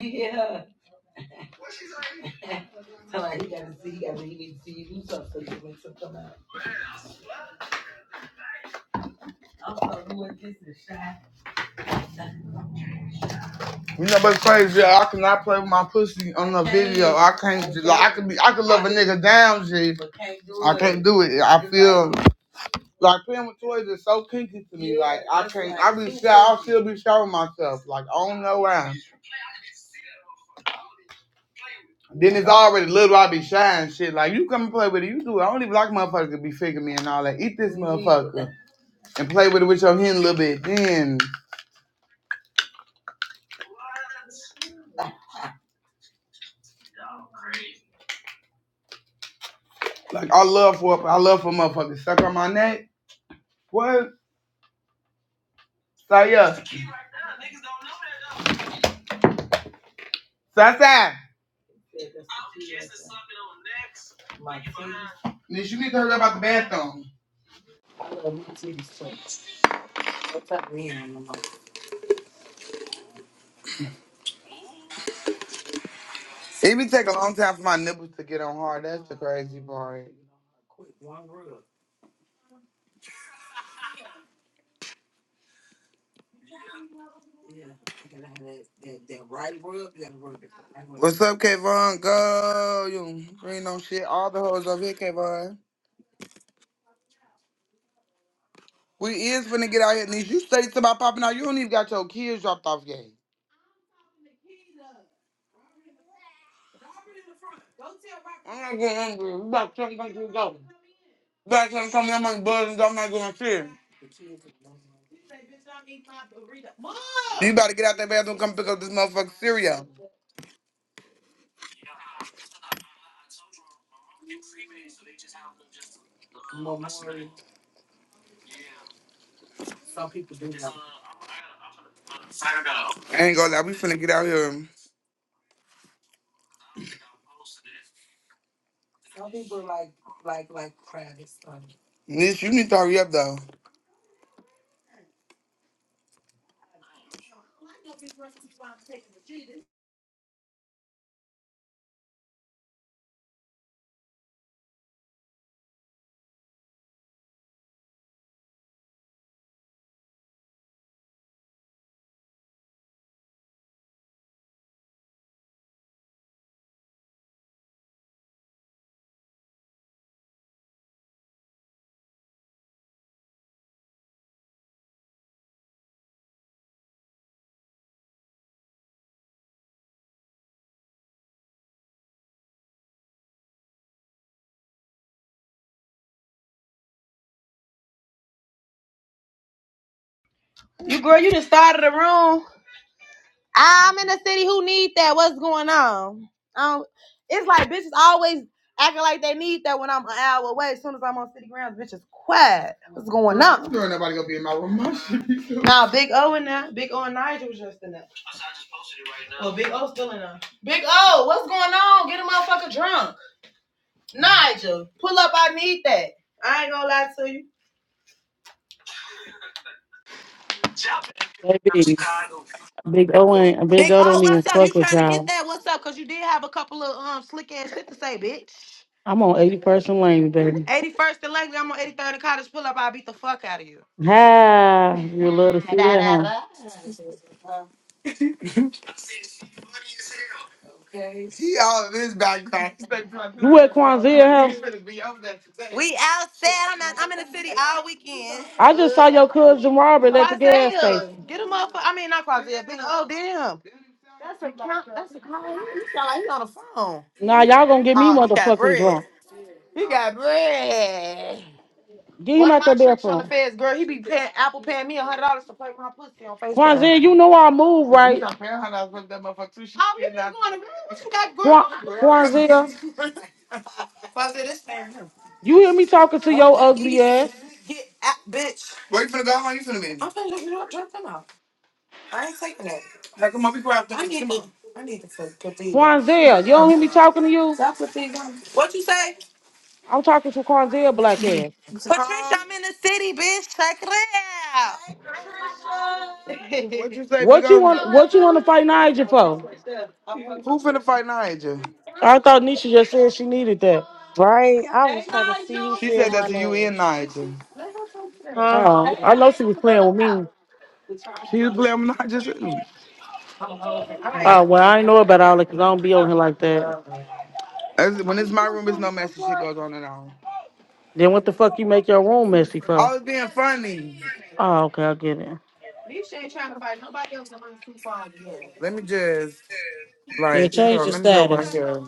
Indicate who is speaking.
Speaker 1: Yeah. Tell her he gotta see, he gotta, he need to see you do something so you make some come out. I'm so who is this is shy. You know what's crazy? I cannot play with my pussy on a video. I can't. I Like I can could be. I could love a nigga down, shit. but can't I do I can't it. do it. I It's like, feel like playing with toys is so kinky to me. yeah, Like I can't. like I be shy. I'll still be showing myself. Like I don't know why. Then it's already little. I be shy and shit. Like you come and play with it. You do. it. I don't even like motherfuckers to be figuring me and all that. Eat this motherfucker. and play with it with your hand a little bit. Then, like, I love for I love for motherfuckers suck on my neck. What? So yeah, Sasa. Did you need to hurry up about the bathroom? It be take a long time for my nipples to get on hard. That's the crazy part. What's up, Kayvon? Go, you ain't no shit. All the hoes over here, Kayvon. We is finna get out here, niece. You say something about popping out. You don't even got your kids dropped off yet. I'm not getting angry. We about ten things to go. Back when some of them like buzzing. I'm not gonna fear. You about to get out that bathroom and come pick up this motherfucking cereal. Some people do. I ain't gonna lie, we finna get out here. Some people like, like, like crab. Niece, you need to hurry up though. You girl, you just started the room. I'm in the city. Who need that? What's going on? Um, it's like bitches always acting like they need that when I'm an hour away. As soon as I'm on city grounds, bitches quiet. What's going on? Girl, nobody gonna be in my room. My nah, Big O in there. Big O and Nigel was just in there. Oh, Big O still in there. Big O, what's going on? Get a motherfucker drunk. Nigel, pull up. I need that. I ain't gonna lie to you.
Speaker 2: Baby, Big O ain't Big O don't even fuck with y'all.
Speaker 1: I'm sleeping
Speaker 2: I'm on 80 person lane, baby.
Speaker 1: on 83rd and Cottage. Pull up. I'll beat the fuck out of you.
Speaker 2: Ha! You love to
Speaker 1: Da,
Speaker 2: see that,
Speaker 1: da,
Speaker 2: huh?
Speaker 1: da. She all in his background.
Speaker 2: You at Kwanzaa house?
Speaker 1: We outside. I'm, not, I'm in the city all weekend.
Speaker 2: I just
Speaker 1: But
Speaker 2: saw your cousin Robert at the gas
Speaker 1: Quazia,
Speaker 2: station.
Speaker 1: get him up. I mean, not Quazia. Big, oh, damn. That's a count. That's a, he sound like he on the phone.
Speaker 2: Nah, y'all gonna get me
Speaker 1: Oh, he got
Speaker 2: motherfucking
Speaker 1: bread.
Speaker 2: drunk.
Speaker 1: He got bread.
Speaker 2: Get him
Speaker 1: One of
Speaker 2: out
Speaker 1: my
Speaker 2: the
Speaker 1: on the
Speaker 2: bathroom.
Speaker 1: feds, girl. He be paying Apple paying me a hundred dollars to play with my pussy on Facetime.
Speaker 2: Kwanzaa, you know I move
Speaker 1: He's
Speaker 2: right.
Speaker 1: not paying hundred dollars for that motherfucker too. She oh, you been going to
Speaker 2: Kwan-
Speaker 1: girl? What
Speaker 2: Kwanzaa,
Speaker 1: you got, girl? Girl. Quasi, this thing.
Speaker 2: you hear me talking to
Speaker 1: Don't
Speaker 2: your
Speaker 1: make it
Speaker 2: ugly
Speaker 1: easy.
Speaker 2: ass?
Speaker 1: Get out, bitch. Where you finna go? How long you finna be? Hey, come on, be proactive. I need Come to on.
Speaker 2: Kwanzaa, you don't hear me talking to you?
Speaker 1: stop with these. um, What you say? Uh,
Speaker 2: I'm talking to Kwanzaa black ass.
Speaker 1: Patricia, I'm in the city, bitch. Check it out. what you say, big
Speaker 2: What you
Speaker 1: old?
Speaker 2: want? What you want to fight
Speaker 1: That's
Speaker 2: Nigel
Speaker 1: my
Speaker 2: for?
Speaker 1: bitch right there. I fuck Who finna fight Nigel?
Speaker 2: I thought Nisha just said she needed that.
Speaker 3: Right? I was trying to see who
Speaker 1: She
Speaker 3: said
Speaker 1: said that
Speaker 3: my
Speaker 1: to you
Speaker 3: name.
Speaker 1: and Nigel. Let her talk to them.
Speaker 3: Huh?
Speaker 2: Oh, I know she was playing with me.
Speaker 1: She was playing with Nigel too. I'm old. All right.
Speaker 3: Uh,
Speaker 2: Oh, well, I ain't know about all that because I don't be on here like that.
Speaker 1: As- When it's my room, it's no messy shit goes on and on.
Speaker 2: Then what the fuck you make your room messy
Speaker 1: I
Speaker 2: for?
Speaker 1: was being funny.
Speaker 2: Oh, okay, I get it.
Speaker 1: They trying to fight nobody else. I'm too far again. Let me just,
Speaker 2: Yeah,
Speaker 1: like, hold
Speaker 2: change
Speaker 1: on,
Speaker 2: the
Speaker 1: let me go right
Speaker 2: status.
Speaker 1: here.